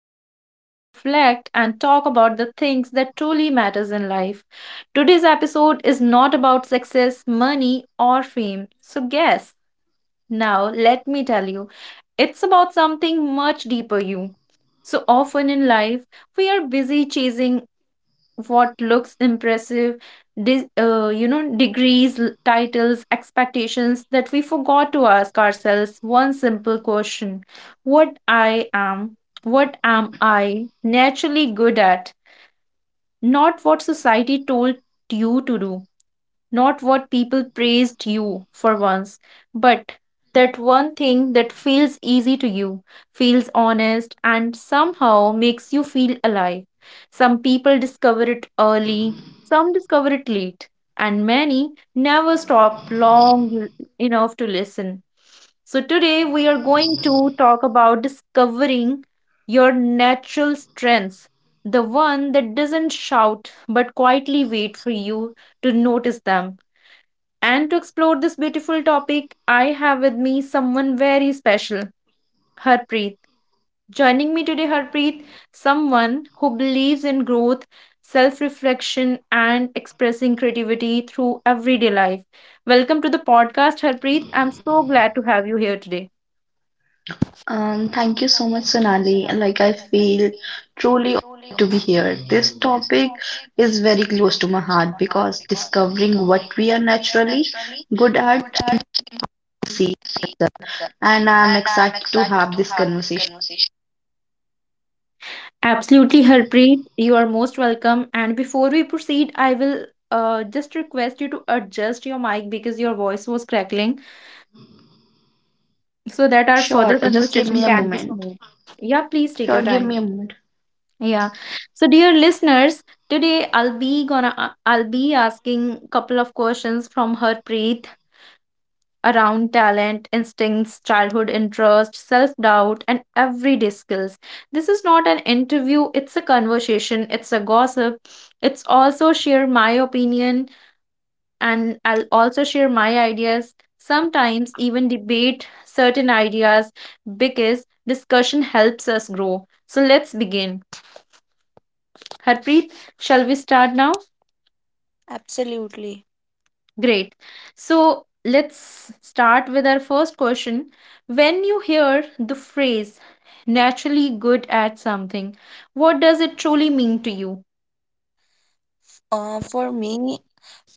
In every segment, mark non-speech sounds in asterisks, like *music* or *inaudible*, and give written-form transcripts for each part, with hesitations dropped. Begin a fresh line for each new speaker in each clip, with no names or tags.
slow down, reflect and talk about the things that truly matters in life. Today's episode is not about success, money or fame. So guess, now let me tell you. It's about something much deeper you. So often in life, we are busy chasing what looks impressive degrees, titles, expectations that we forgot to ask ourselves one simple question: what i am what am I naturally good at? Not what society told you to do, not what people praised you for once, but that one thing that feels easy to you, feels honest, and somehow makes you feel alive. Some people discover it early, some discover it late, and many never stop long enough to listen. So, today we are going to talk about discovering your natural strengths, the one that doesn't shout but quietly wait for you to notice them. And to explore this beautiful topic, I have with me someone very special, Harpreet. Joining me today, Harpreet, someone who believes in growth, self reflection, and expressing creativity through everyday life. Welcome to the podcast, Harpreet. I'm so glad to have you here today.
Thank you so much, Sonali. I feel truly honored to be here. This topic
Big
is very close to my heart because discovering what we are naturally
naturally
good at
good at
is easy,
things,
and I am
and I'm
excited to
excited
have
to
this
have this
conversation.
conversation. Absolutely, Harpreet. You are most welcome. And before we proceed, I will just request you to adjust your mic because your voice was crackling so that our
Sure,
further
just give me
conversation
a
can be
moment.
smooth. Yeah, please take
Sure,
your
give
time.
me a moment.
Yeah. So, dear listeners, today I'll be asking couple of questions from Harpreet around talent, instincts, childhood interest, self doubt, and everyday skills. This is not an interview, it's a conversation, it's a gossip. It's also share my opinion and I'll also share my ideas, sometimes even debate certain ideas because discussion helps us grow. So let's begin. Harpreet, shall we start now?
Absolutely.
Great. So let's start with our first question. When you hear the phrase naturally good at something, what does it truly mean to you?
For me,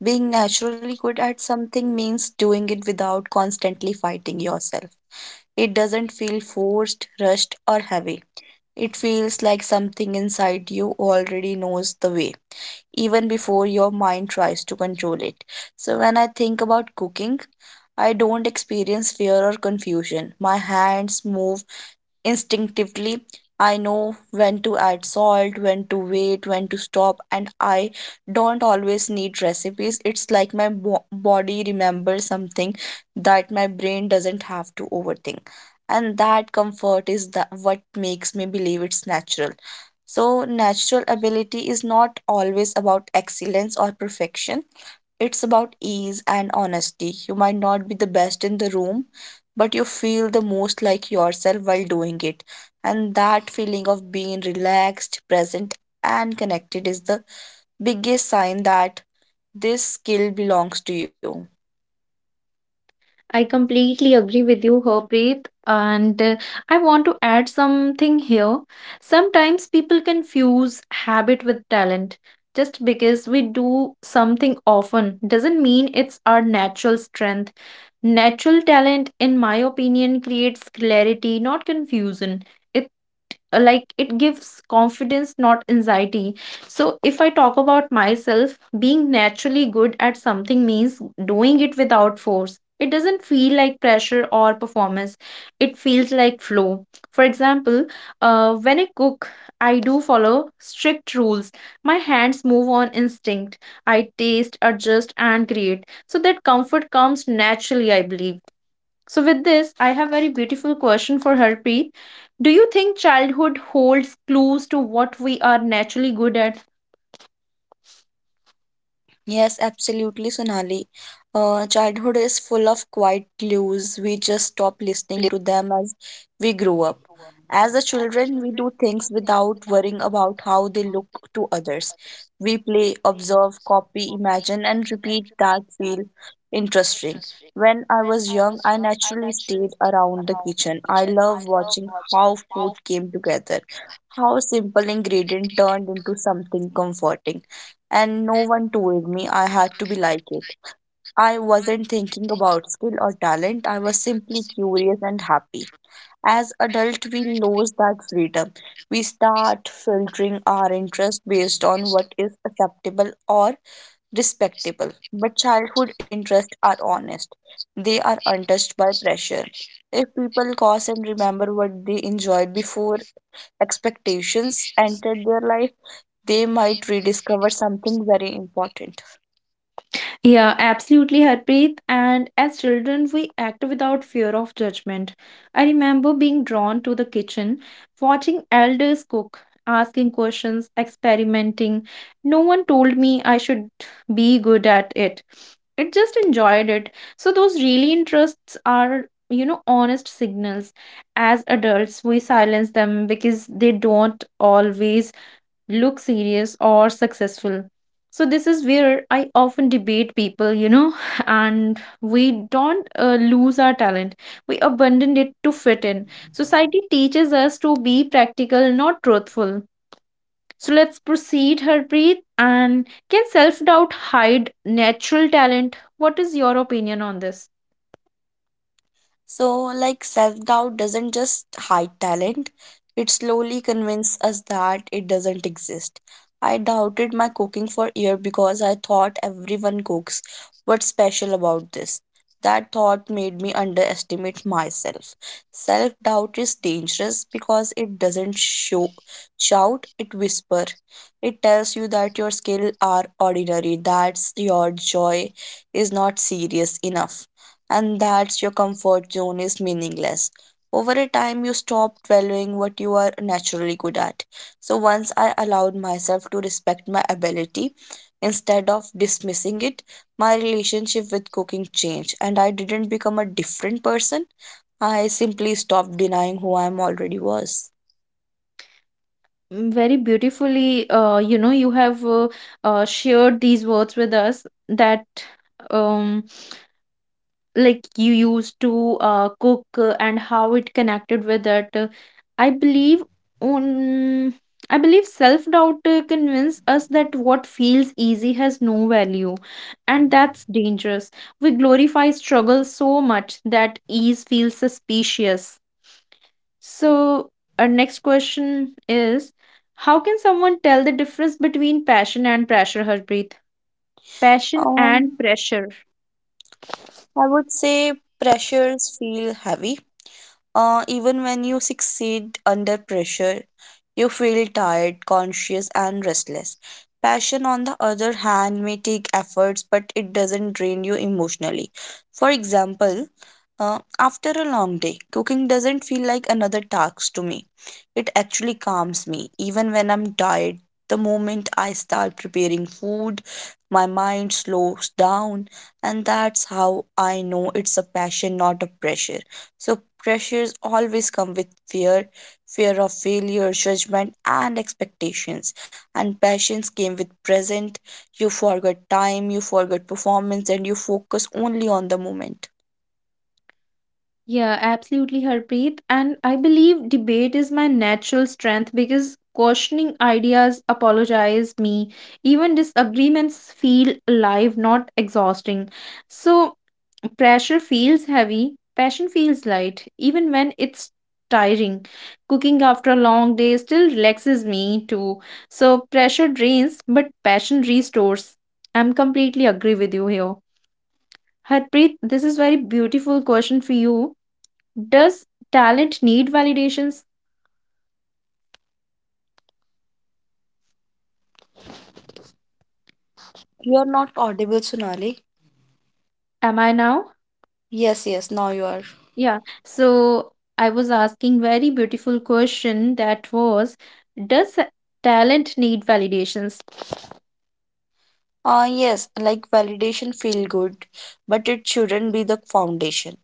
being naturally good at something means doing it without constantly fighting yourself. It doesn't feel forced, rushed, or heavy. It feels like something inside you already knows the way, even before your mind tries to control it. So, when I think about cooking, I don't experience fear or confusion. My hands move instinctively, I know when to add salt, when to wait, when to stop, and I don't always need recipes. It's like my body remembers something that my brain doesn't have to overthink. And that comfort is that what makes me believe it's natural. So, natural ability is not always about excellence or perfection, it's about ease and honesty. You might not be the best in the room, but you feel the most like yourself while doing it. And that feeling of being relaxed, present, and connected is the biggest sign that this skill belongs to you.
I completely agree with you, Harpreet, and I want to add something here. Sometimes people confuse habit with talent. Just because we do something often doesn't mean it's our natural strength. Natural talent, in my opinion, creates clarity, not confusion. Like, it gives confidence, not anxiety. So if I talk about myself, being naturally good at something means doing it without force. It doesn't feel like pressure or performance. It feels like flow. For example, when I cook, I do follow strict rules. My hands move on instinct. I taste, adjust and create. So that comfort comes naturally, I believe. So, with this, I have very beautiful question for Harpreet. Do you think childhood holds clues to what we are naturally good at?
Yes, absolutely, Sonali. Childhood is full of quiet clues. We just stop listening to them as we grow up. As a children, we do things without worrying about how they look to others. We play, observe, copy, imagine, and repeat that feel interesting. When I was young, I naturally stayed around the kitchen. I love watching how food came together, how a simple ingredient turned into something comforting, and no one told me I had to be like it. I wasn't thinking about skill or talent, I was simply curious and happy. As adults, we lose that freedom. We start filtering our interest based on what is acceptable or respectable. But childhood interests are honest. They are untouched by pressure. If people cause and remember what they enjoyed before expectations entered their life, they might rediscover something very important.
Yeah, absolutely, Harpreet. And as children, we act without fear of judgment. I remember being drawn to the kitchen, watching elders cook, asking questions, experimenting. No one told me I should be good at it. It just enjoyed it. So those really interests are honest signals. As adults, we silence them because they don't always look serious or successful. So, this is where I often debate people *laughs* and we don't lose our talent. We abandon it to fit in. Society teaches us to be practical, not truthful. So, let's proceed, Harpreet. And can self doubt hide natural talent? What is your opinion on this?
So, self doubt doesn't just hide talent, it slowly convinces us that it doesn't exist. I doubted my cooking for a year because I thought everyone cooks. What's special about this? That thought made me underestimate myself. Self doubt is dangerous because it doesn't show, shout, it whisper. It tells you that your skills are ordinary, that your joy is not serious enough, and that's your comfort zone is meaningless. Over a time, you stop valuing what you are naturally good at. So, once I allowed myself to respect my ability instead of dismissing it, my relationship with cooking changed, and I didn't become a different person. I simply stopped denying who I am already was.
Very beautifully, you have shared these words with us that. Um. Like you used to cook and how it connected with it. I believe on I believe self doubt convince us that what feels easy has no value, and that's dangerous. We glorify struggle so much that ease feels suspicious. So our next question is, how can someone tell the difference between passion and pressure, Harpreet? Passion and
Um,
pressure
I would say pressures feel heavy. Even when you succeed under pressure, you feel tired, conscious, and restless. Passion, on the other hand, may take efforts, but it doesn't drain you emotionally. For example, after a long day, cooking doesn't feel like another task to me. It actually calms me. Even when I'm tired, the moment I start preparing food, my mind slows down, and that's how I know it's a passion, not a pressure. So, pressures always come with fear, fear of failure, judgment, and expectations. And passions came with present. You forget time, you forget performance, and you focus only on the moment.
Yeah, absolutely, Harpreet. And I believe debate is my natural strength because questioning ideas apologize me. Even disagreements feel alive, not exhausting. So pressure feels heavy, passion feels light, even when it's tiring. Cooking after a long day still relaxes me too. So pressure drains, but passion restores. I'm completely agree with you here. Harpreet, this is very beautiful question for you. Does talent need validations?
You are not audible, Sonali.
Am I now?
Yes, yes, now you are.
Yeah. So I was asking very beautiful question that was, does talent need validations?
Yes, like validation feel good, but it shouldn't be the foundation.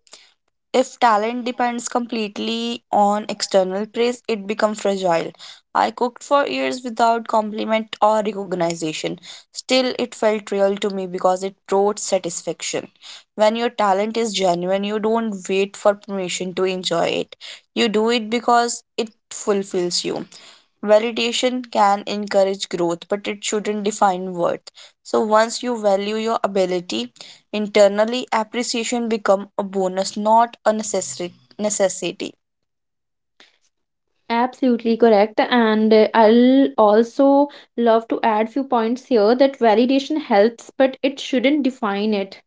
If talent depends completely on external praise, it becomes fragile. I cooked for years without compliment or recognition. Still, it felt real to me because it brought satisfaction. When your talent is genuine, you don't wait for permission to enjoy it. You do it because it fulfills you. Validation can encourage growth, but it shouldn't define worth. So once you value your ability internally, appreciation become a bonus, not a necessary necessity.
Absolutely correct. And I'll also love to add few points here that validation helps, but it shouldn't define it.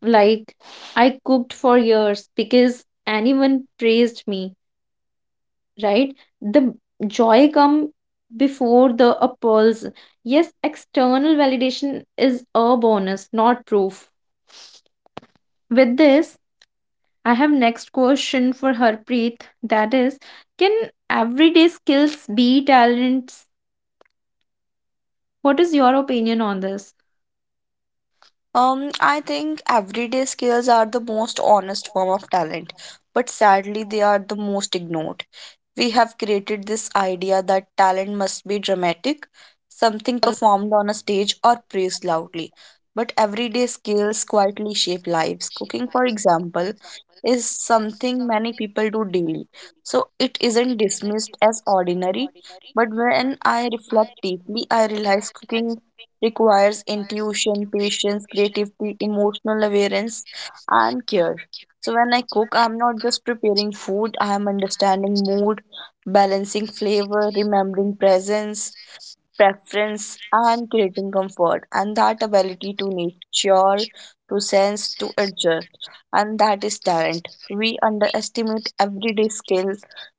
Like, I cooked for years because anyone praised me, right? The joy come before the applause. Yes, external validation is a bonus, not proof. With this, I have next question for Harpreet. That is, can everyday skills be talents? What is your opinion on this?
I think everyday skills are the most honest form of talent, but sadly they are the most ignored. We have created this idea that talent must be dramatic, something performed on a stage or praised loudly. But everyday skills quietly shape lives. Cooking, for example, is something many people do daily. So it isn't dismissed as ordinary. But when I reflect deeply, I realize cooking requires intuition, patience, creativity, emotional awareness, and care. So when I cook, I'm not just preparing food, I am understanding mood, balancing flavor, remembering presence, preference, and creating comfort. And that ability to nurture, to sense, to adjust. And that is talent. We underestimate everyday skill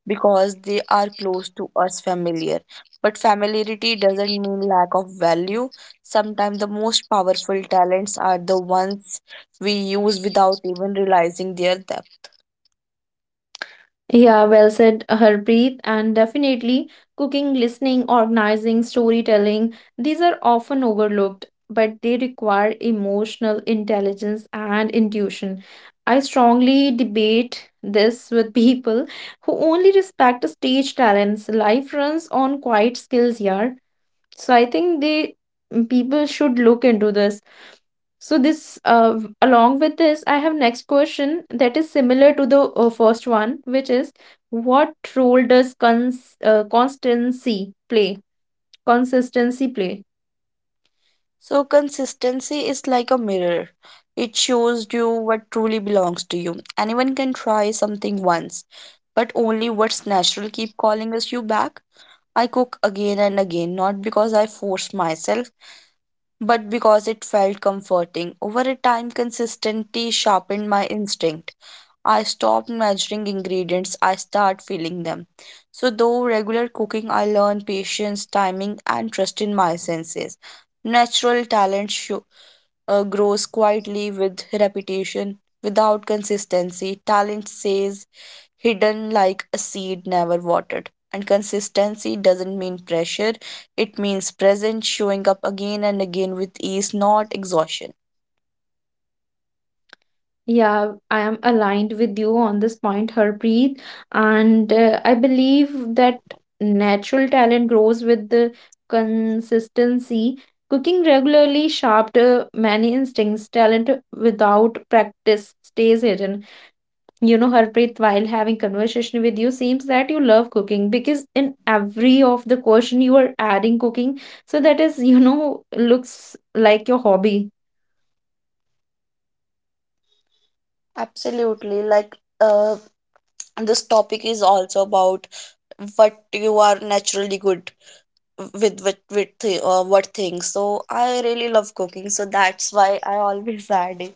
because they are close to us, familiar. But familiarity doesn't mean lack of value. Sometimes the most powerful talents are the ones we use without even realizing their depth.
Yeah, well said, Harpreet. And definitely, cooking, listening, organizing, storytelling, these are often overlooked, but they require emotional intelligence and intuition. I strongly debate this with *laughs* people who only respect the stage talents. Life runs on quiet skills, yeah. So I think they people should look into this. So this along with this, I have next question that is similar to the first one, which is what role does constancy play? Consistency play.
So, consistency is like a mirror. It shows you what truly belongs to you. Anyone can try something once, but only what's natural keep calling us you back. I cook again and again, not because I force myself, but because it felt comforting. Over a time, consistency sharpened my instinct. I stopped measuring ingredients, I start feeling them. So, though regular cooking, I learned patience, timing, and trust in my senses. Natural talent grows quietly with repetition, without consistency. Talent stays hidden like a seed never watered. And consistency doesn't mean pressure, it means presence, showing up again and again with ease, not exhaustion.
Yeah, I am aligned with you on this point, Harpreet, and I believe that natural talent grows with the consistency. Cooking regularly sharped many instincts. Talent without practice stays hidden. You know, Harpreet, while having conversation with you, seems that you love cooking because in every of the question you are adding cooking. So that is looks like your hobby.
Absolutely. Uh, this topic is also about what you are naturally good with what things, so I really love cooking, so that's why I always *laughs* add it.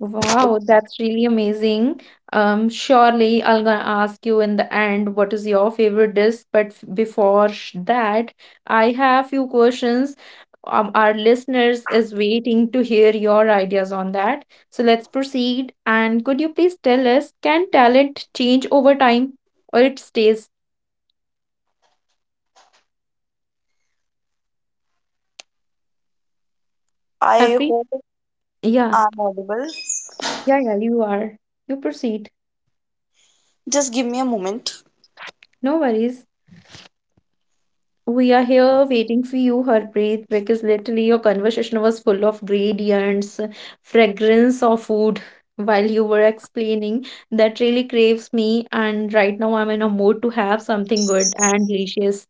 Wow, that's really amazing. Surely I'll gonna ask you in the end what is your favorite dish, but before that, I have few questions. Our listeners is waiting to hear your ideas on that. So let's proceed. And could you please tell us, can talent change over time or it stays?
I
Harpreet?
hope
Yeah,
I'm audible.
yeah, yeah, you are. You proceed.
Just give me a moment.
No worries. We are here waiting for you, Harpreet, because literally your conversation was full of gradients, fragrance of food while you were explaining. That really craves me, and right now I'm in a mood to have something good and delicious.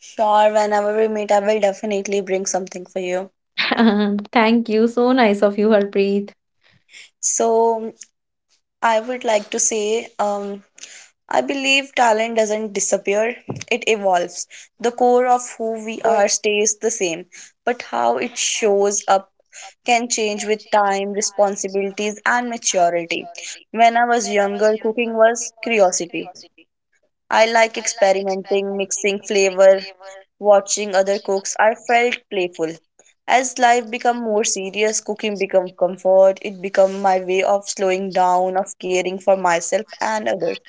Sure, whenever we meet, I will definitely bring something for you.
*laughs* Thank you. So nice of you, Harpreet.
So, I would like to say, I believe talent doesn't disappear, it evolves. The core of who we are stays the same, but how it shows up can change with time, responsibilities, and maturity. When I was younger, cooking was curiosity. I like experimenting, mixing flavor, watching other cooks, I felt playful. As life become more serious, cooking become comfort. It become my way of slowing down, of caring for myself and others.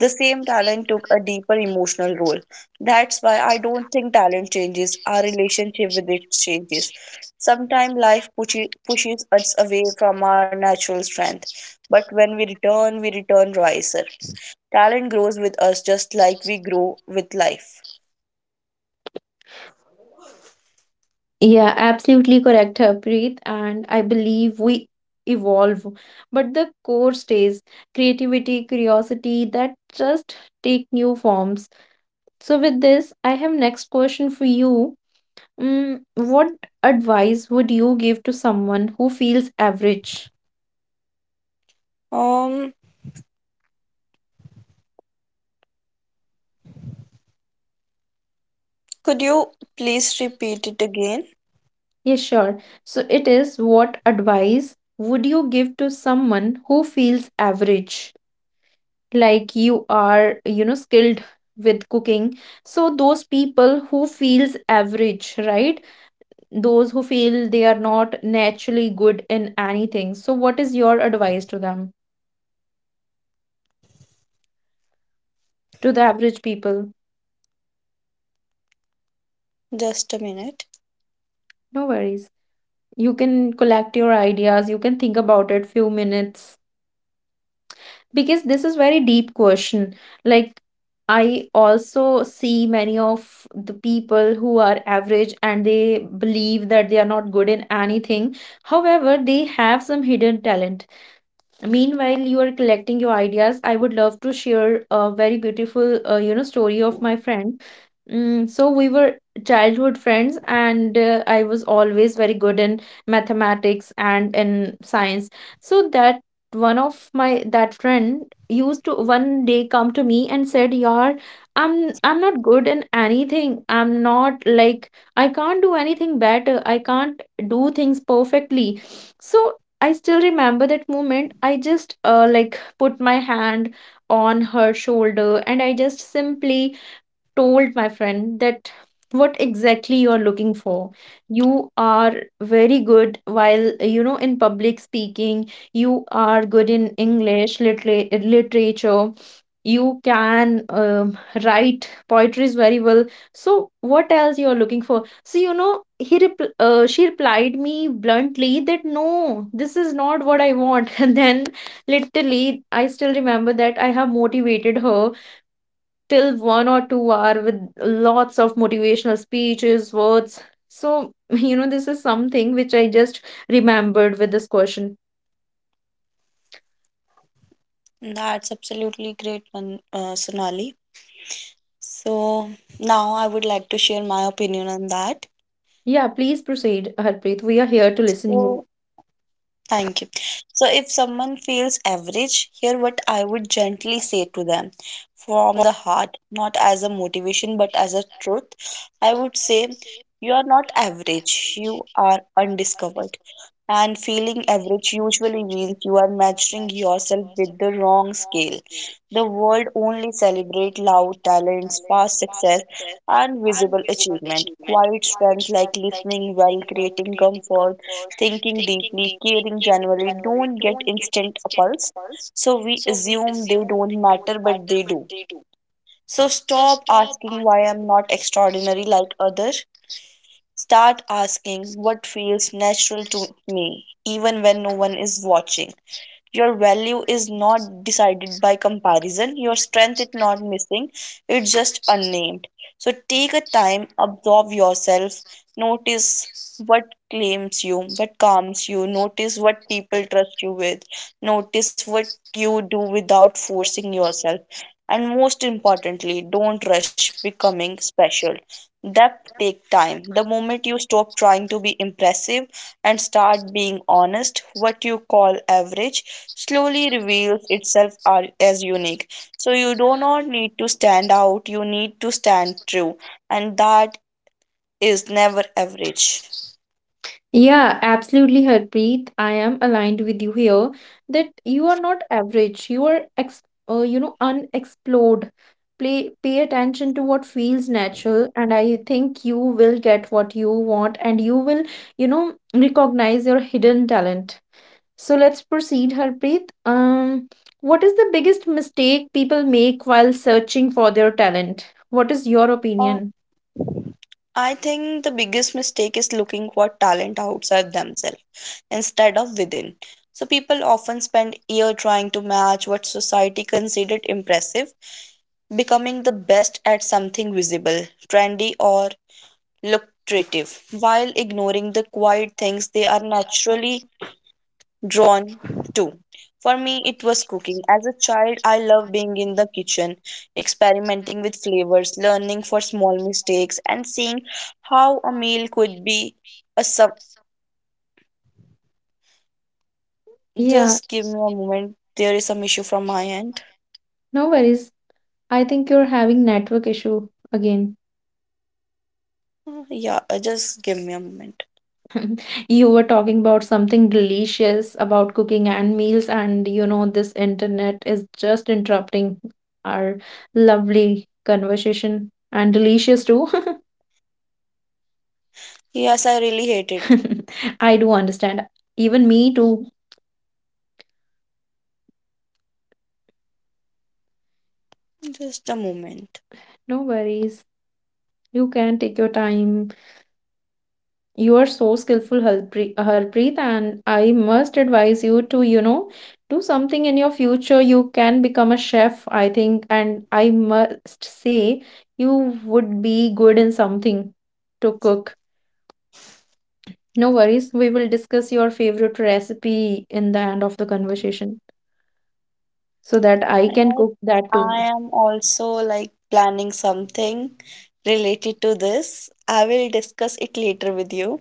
The same talent took a deeper emotional role. That's why I don't think talent changes. Our relationship with it changes. Sometimes life pushes us away from our natural strength, but when we return wiser. Talent grows with us just like we grow with life.
Yeah, absolutely correct, Harpreet. And I believe we evolve, but the core stays creativity, curiosity that just take new forms. So, with this, I have next question for you. What advice would you give to someone who feels average?
Um, Could you please repeat it again?
Yeah, sure. So it is what advice would you give to someone who feels average? Like you are skilled with cooking. So those people who feels average, right? Those who feel they are not naturally good in anything. So what is your advice to them, to the average people?
Just a minute.
No worries. You can collect your ideas. You can think about it few minutes because this is very deep question. Like, I also see many of the people who are average and they believe that they are not good in anything. However, they have some hidden talent. Meanwhile, you are collecting your ideas. I would love to share a very beautiful story of my friend. So we were childhood friends, and I was always very good in mathematics and in science. So that one of my that friend used to one day come to me and said, "Yaar, I'm I'm not good in anything. I'm not like I can't do anything better. I can't do things perfectly." So I still remember that moment. I just like put my hand on her shoulder and I just simply told my friend that what exactly you are looking for. You are very good, while in public speaking you are good, in english literature, you can write poetries very well. So what else you are looking for? So she replied me bluntly that no, this is not what I want *laughs* and then literally I still remember that I have motivated her till 1 or 2-hour with lots of motivational speeches, words. So, *laughs* this is something which I just remembered with this question.
That's absolutely great, one, Sonali. So, now I would like to share my opinion on that.
Yeah, please proceed, Harpreet. We are here to listen you.
So, thank you. So, if someone feels average, here what I would gently say to them from the heart, not as a motivation but as a truth. I would say, you are not average, you are undiscovered. And feeling average usually means you are measuring yourself with the wrong scale. The world only celebrates loud talents, past success, and visible achievement. Quiet strength like listening well, creating comfort, thinking deeply, caring generally don't get instant appulse. So we assume they don't matter, but they do. So stop asking why I'm not extraordinary like others. Start asking what feels natural to me, even when no one is watching. Your value is not decided by comparison, your strength is not missing, it's just unnamed. So take a time, absorb yourself, notice what claims you, what calms you, notice what people trust you with, notice what you do without forcing yourself. And most importantly, don't rush becoming special. Depth take time. The moment you stop trying to be impressive and start being honest, what you call average slowly reveals itself as unique. So you do not need to stand out, you need to stand true, and that is never average.
Yeah, absolutely, Harpreet. I am aligned with you here that you are not average. You are unexplored. Play, pay attention to what feels natural, and I think you will get what you want, and you will recognize your hidden talent. So let's proceed, Harpreet. What is the biggest mistake people make while searching for their talent? What is your
Uh,
opinion?
I think the biggest mistake is looking for talent outside themselves instead of within. So people often spend year trying to match what society considered impressive, becoming the best at something visible, trendy or lucrative, while ignoring the quiet things they are naturally drawn to. For me, it was cooking. As a child, I loved being in the kitchen, experimenting with flavors, learning for small mistakes, and seeing how a meal could be a sub.
Yeah,
Just give me a moment. There is some issue from my end. *sighs*
no worries. I think you're having network issue again.
Yeah, just give me a moment.
*laughs* You were talking about something delicious about cooking and meals, and this internet is just interrupting our lovely conversation and delicious too.
Yes, I really hate it.
*laughs* I do understand. Even me too.
Just a moment.
No worries. You can take your time. You are so skillful, Harpreet, and I must advise you to, do something in your future. You can become a chef, I think, and I must say you would be good in something to cook. No worries, we will discuss your favorite recipe in the end of the conversation so that I can
I
cook that
I
too.
am also like planning something related to this. I will discuss it later with you.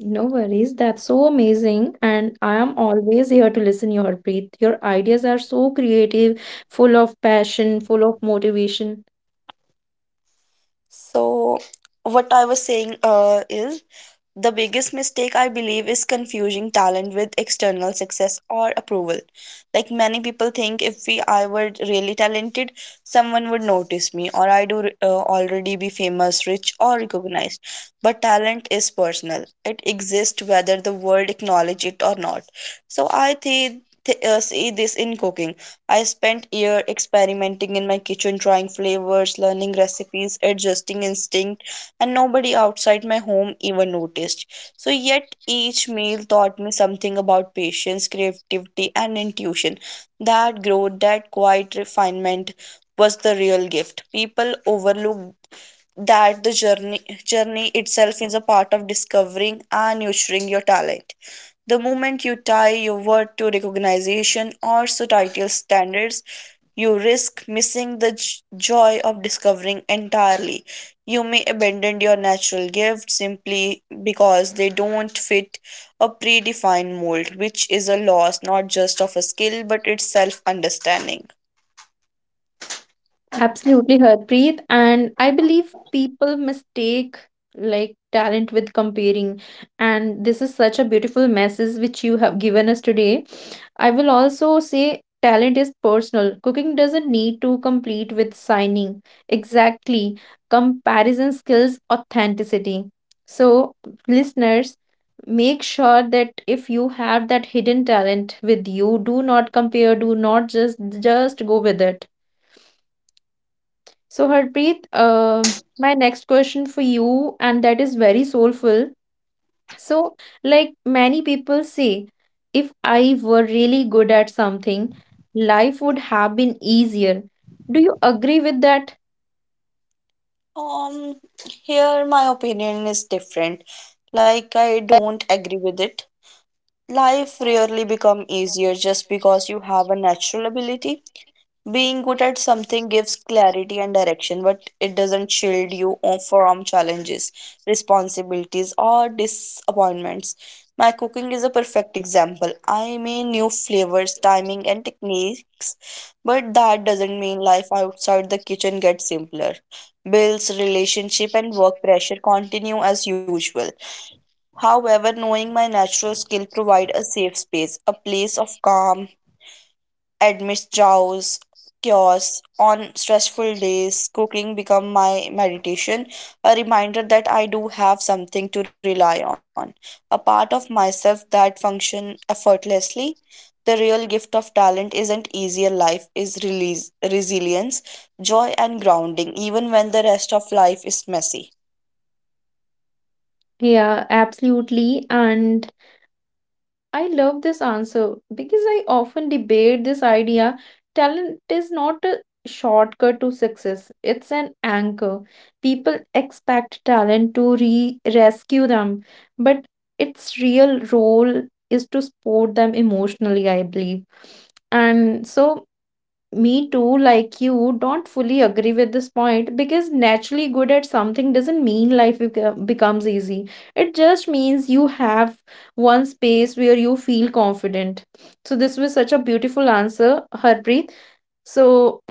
No worries. That's so amazing. And I am always here to listen, your Harpreet. Your ideas are so creative, full of passion, full of motivation.
So, what I was saying is the biggest mistake I believe is confusing talent with external success or approval. Like many people think if we I were really talented, someone would notice me or I do already be famous, rich or recognized. But talent is personal. It exists whether the world acknowledge it or not. So I think see this in cooking. I spent year experimenting in my kitchen, trying flavors, learning recipes, adjusting instincts, and nobody outside my home even noticed. So, yet each meal taught me something about patience, creativity, and intuition. That growth, that quiet refinement was the real gift. People overlook that the journey itself is a part of discovering and nurturing your talent. The moment you tie your word to recognition or societal standards, you risk missing the joy of discovering entirely. You may abandon your natural gifts simply because they don't fit a predefined mold, which is a loss not just of a skill but its self understanding.
Absolutely, Harpreet. And I believe people mistake like talent with comparing. And this is such a beautiful message which you have given us today. I will also say talent is personal. Cooking doesn't need to compete with signing. Exactly. Comparison skills authenticity. So, listeners, make sure that if you have that hidden talent with you, do not compare, do not just go with it. So, Harpreet, my next question for you, and that is very soulful. So, like many people say, if I were really good at something, life would have been easier. Do you agree with that?
Um, Here my opinion is different. Like, I don't agree with it. Life rarely become easier just because you have a natural ability. Being good at something gives clarity and direction, but it doesn't shield you from challenges, responsibilities, or disappointments. My cooking is a perfect example. I mean, new flavors, timing, and techniques, but that doesn't mean life outside the kitchen gets simpler. Bills, relationship, and work pressure continue as usual. However, knowing my natural skill provide a safe space, a place of calm amidst chows, chaos, on stressful days, cooking become my meditation, a reminder that I do have something to rely on, a part of myself that function effortlessly. The real gift of talent isn't easier life is release, resilience, joy and grounding, even when the rest of life is messy.
Yeah, absolutely. And I love this answer because I often debate this idea. Talent is not a shortcut to success, it's an anchor. People expect talent to re rescue them, but its real role is to support them emotionally, I believe. And so me too, like you, don't fully agree with this point because naturally good at something doesn't mean life becomes easy. It just means you have one space where you feel confident. So, this was such a beautiful answer, Harpreet. So,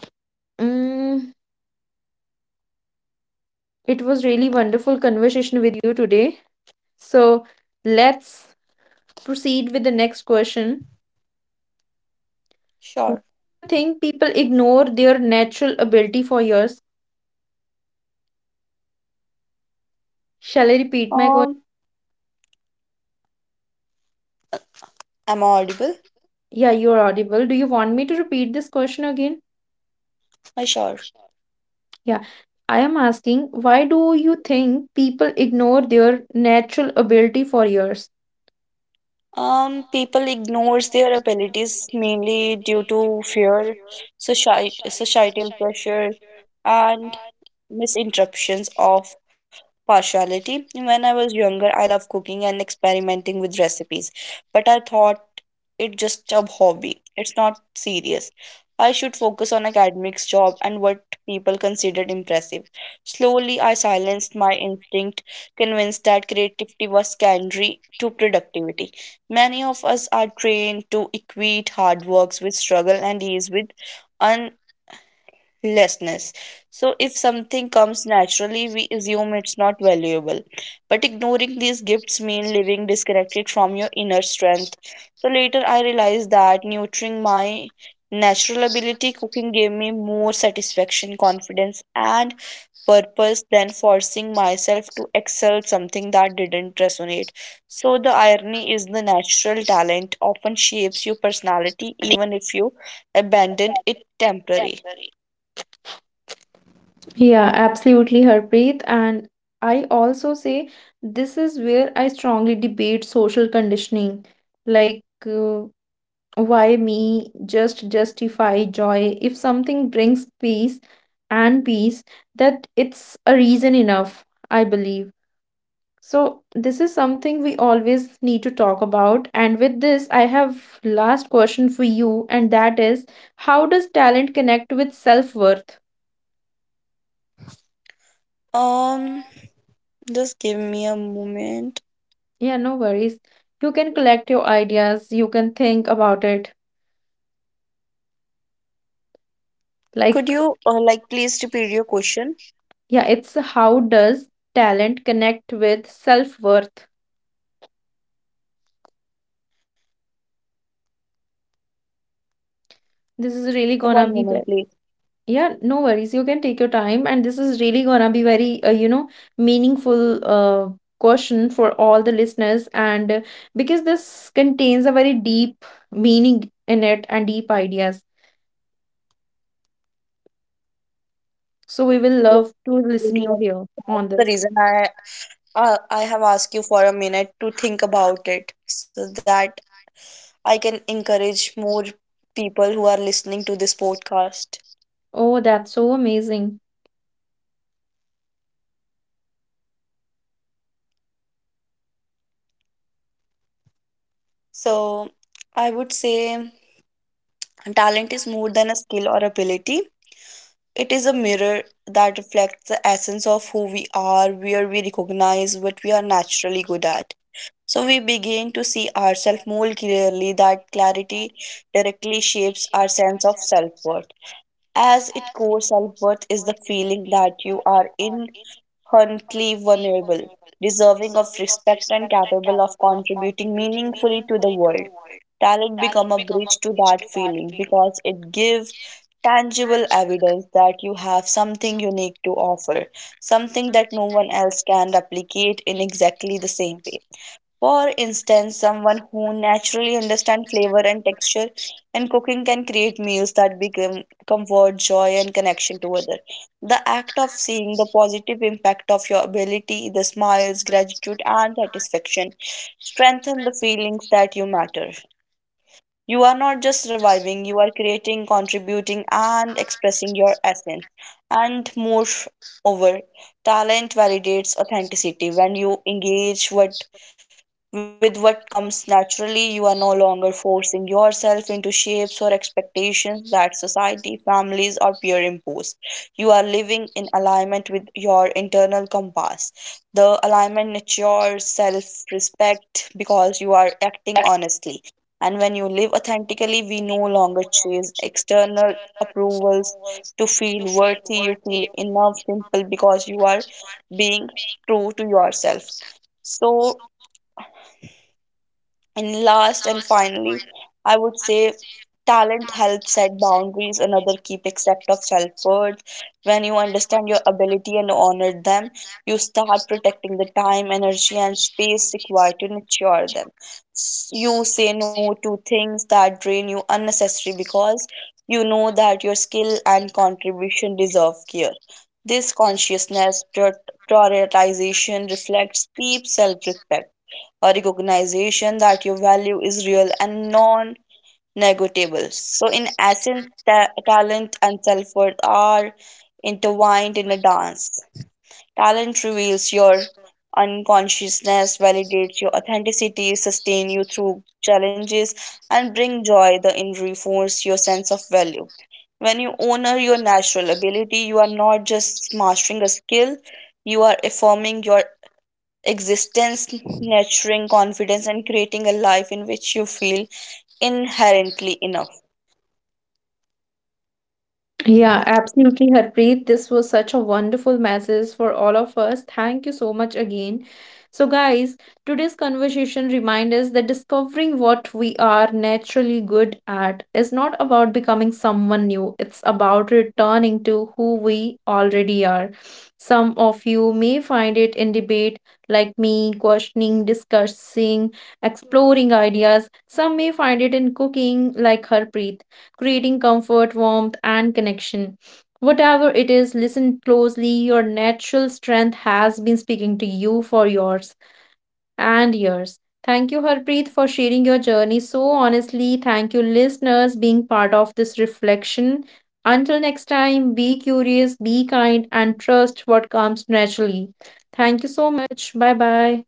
mm, it was really wonderful conversation with you today. So, let's proceed with the next question. Why do
Sure.
you think people ignore their natural ability for years? Shall I repeat my question?
Um, am I audible?
Yeah, you're audible. Do you want me to repeat this question again?
I sure.
Yeah. I am asking, why do you think people ignore their natural ability for years?
People ignores their abilities mainly due to fear, societal pressure, and misinterpretations of partiality. When I was younger, I loved cooking and experimenting with recipes, but I thought it just a hobby. It's not serious. I should focus on academics, job, and what people considered impressive. Slowly, I silenced my instinct, convinced that creativity was secondary to productivity. Many of us are trained to equate hard works with struggle and ease with unlessness. So, if something comes naturally, we assume it's not valuable. But ignoring these gifts means living disconnected from your inner strength. So, later I realized that nurturing my natural ability cooking gave me more satisfaction, confidence, and purpose than forcing myself to excel something that didn't resonate. So the irony is the natural talent often shapes your personality even if you abandon it temporarily.
Yeah, absolutely, Harpreet. And I also say this is where I strongly debate social conditioning. Like, uh, why me? Just justify joy. If something brings peace and peace, that it's a reason enough, I believe. So, this is something we always need to talk about. And with this, I have last question for you, and that is, how does talent connect with self-worth?
Um just give me a moment.
Yeah, no worries. You can collect your ideas, you can think about it.
Could
Like,
you like please repeat your question?
yeah, it's how does talent connect with self-worth? This is really
One
gonna be
moment
there.
please.
Yeah, no worries. You can take your time, and this is really gonna be very, you know, meaningful question for all the listeners. And because this contains a very deep meaning in it and deep ideas, so we will
Yeah,
love to listen
absolutely.
you here on
That's the
this.
reason I I have asked you for a minute to think about it so that I can encourage more people who are listening to this podcast.
Oh, that's so amazing.
So I would say talent is more than a skill or ability. It is a mirror that reflects the essence of who we are, where we recognize what we are naturally good at. So we begin to see ourselves more clearly. That clarity directly shapes our sense of self worth. As its core self worth is the feeling that you are inherently vulnerable, deserving of respect, and capable of contributing meaningfully to the world. Talent become a bridge to that feeling because it gives tangible evidence that you have something unique to offer, something that no one else can replicate in exactly the same way. For instance, someone who naturally understands flavor and texture and cooking can create meals that become comfort, joy, and connection to others. The act of seeing the positive impact of your ability, the smiles, gratitude, and satisfaction strengthen the feelings that you matter. You are not just surviving, you are creating, contributing, and expressing your essence. And moreover, talent validates authenticity. When you engage with what comes naturally. You are no longer forcing yourself into shapes or expectations that society, families, or peer impose. You are living in alignment with your internal compass. The alignment nurtures self respect because you are acting honestly. And when you live authentically, we no longer chase external approvals to feel worthy. You feel enough, simple because you are being true to yourself. So, and last and finally, I would say talent helps set boundaries, another key except of self worth. When you understand your ability and honor them, you start protecting the time, energy, and space required to nurture them. You say no to things that drain you unnecessarily because you know that your skill and contribution deserve care. This consciousness prioritization reflects deep self respect or recognition that your value is real and non negotiable. So, in essence, talent and self worth are intertwined in a dance. Talent reveals your unconsciousness, validates your authenticity, sustain you through challenges, and bring joy, the in reinforce your sense of value. When you honor your natural ability, you are not just mastering a skill, you are affirming your existence, nurturing confidence, and creating a life in which you feel inherently enough.
Yeah, absolutely, Harpreet. This was such a wonderful message for all of us. Thank you so much again. So, guys, today's conversation reminds us that discovering what we are naturally good at is not about becoming someone new, it's about returning to who we already are. Some of you may find it in debate, like me, questioning, discussing, exploring ideas. Some may find it in cooking, like Harpreet creating comfort, warmth, and connection. Whatever it is, listen closely. Your natural strength has been speaking to you for yours and yours. Thank you, Harpreet, for sharing your journey so honestly. Thank you, listeners, being part of this reflection. Until next time, be curious, be kind, and trust what comes naturally. Thank you so much. Bye bye.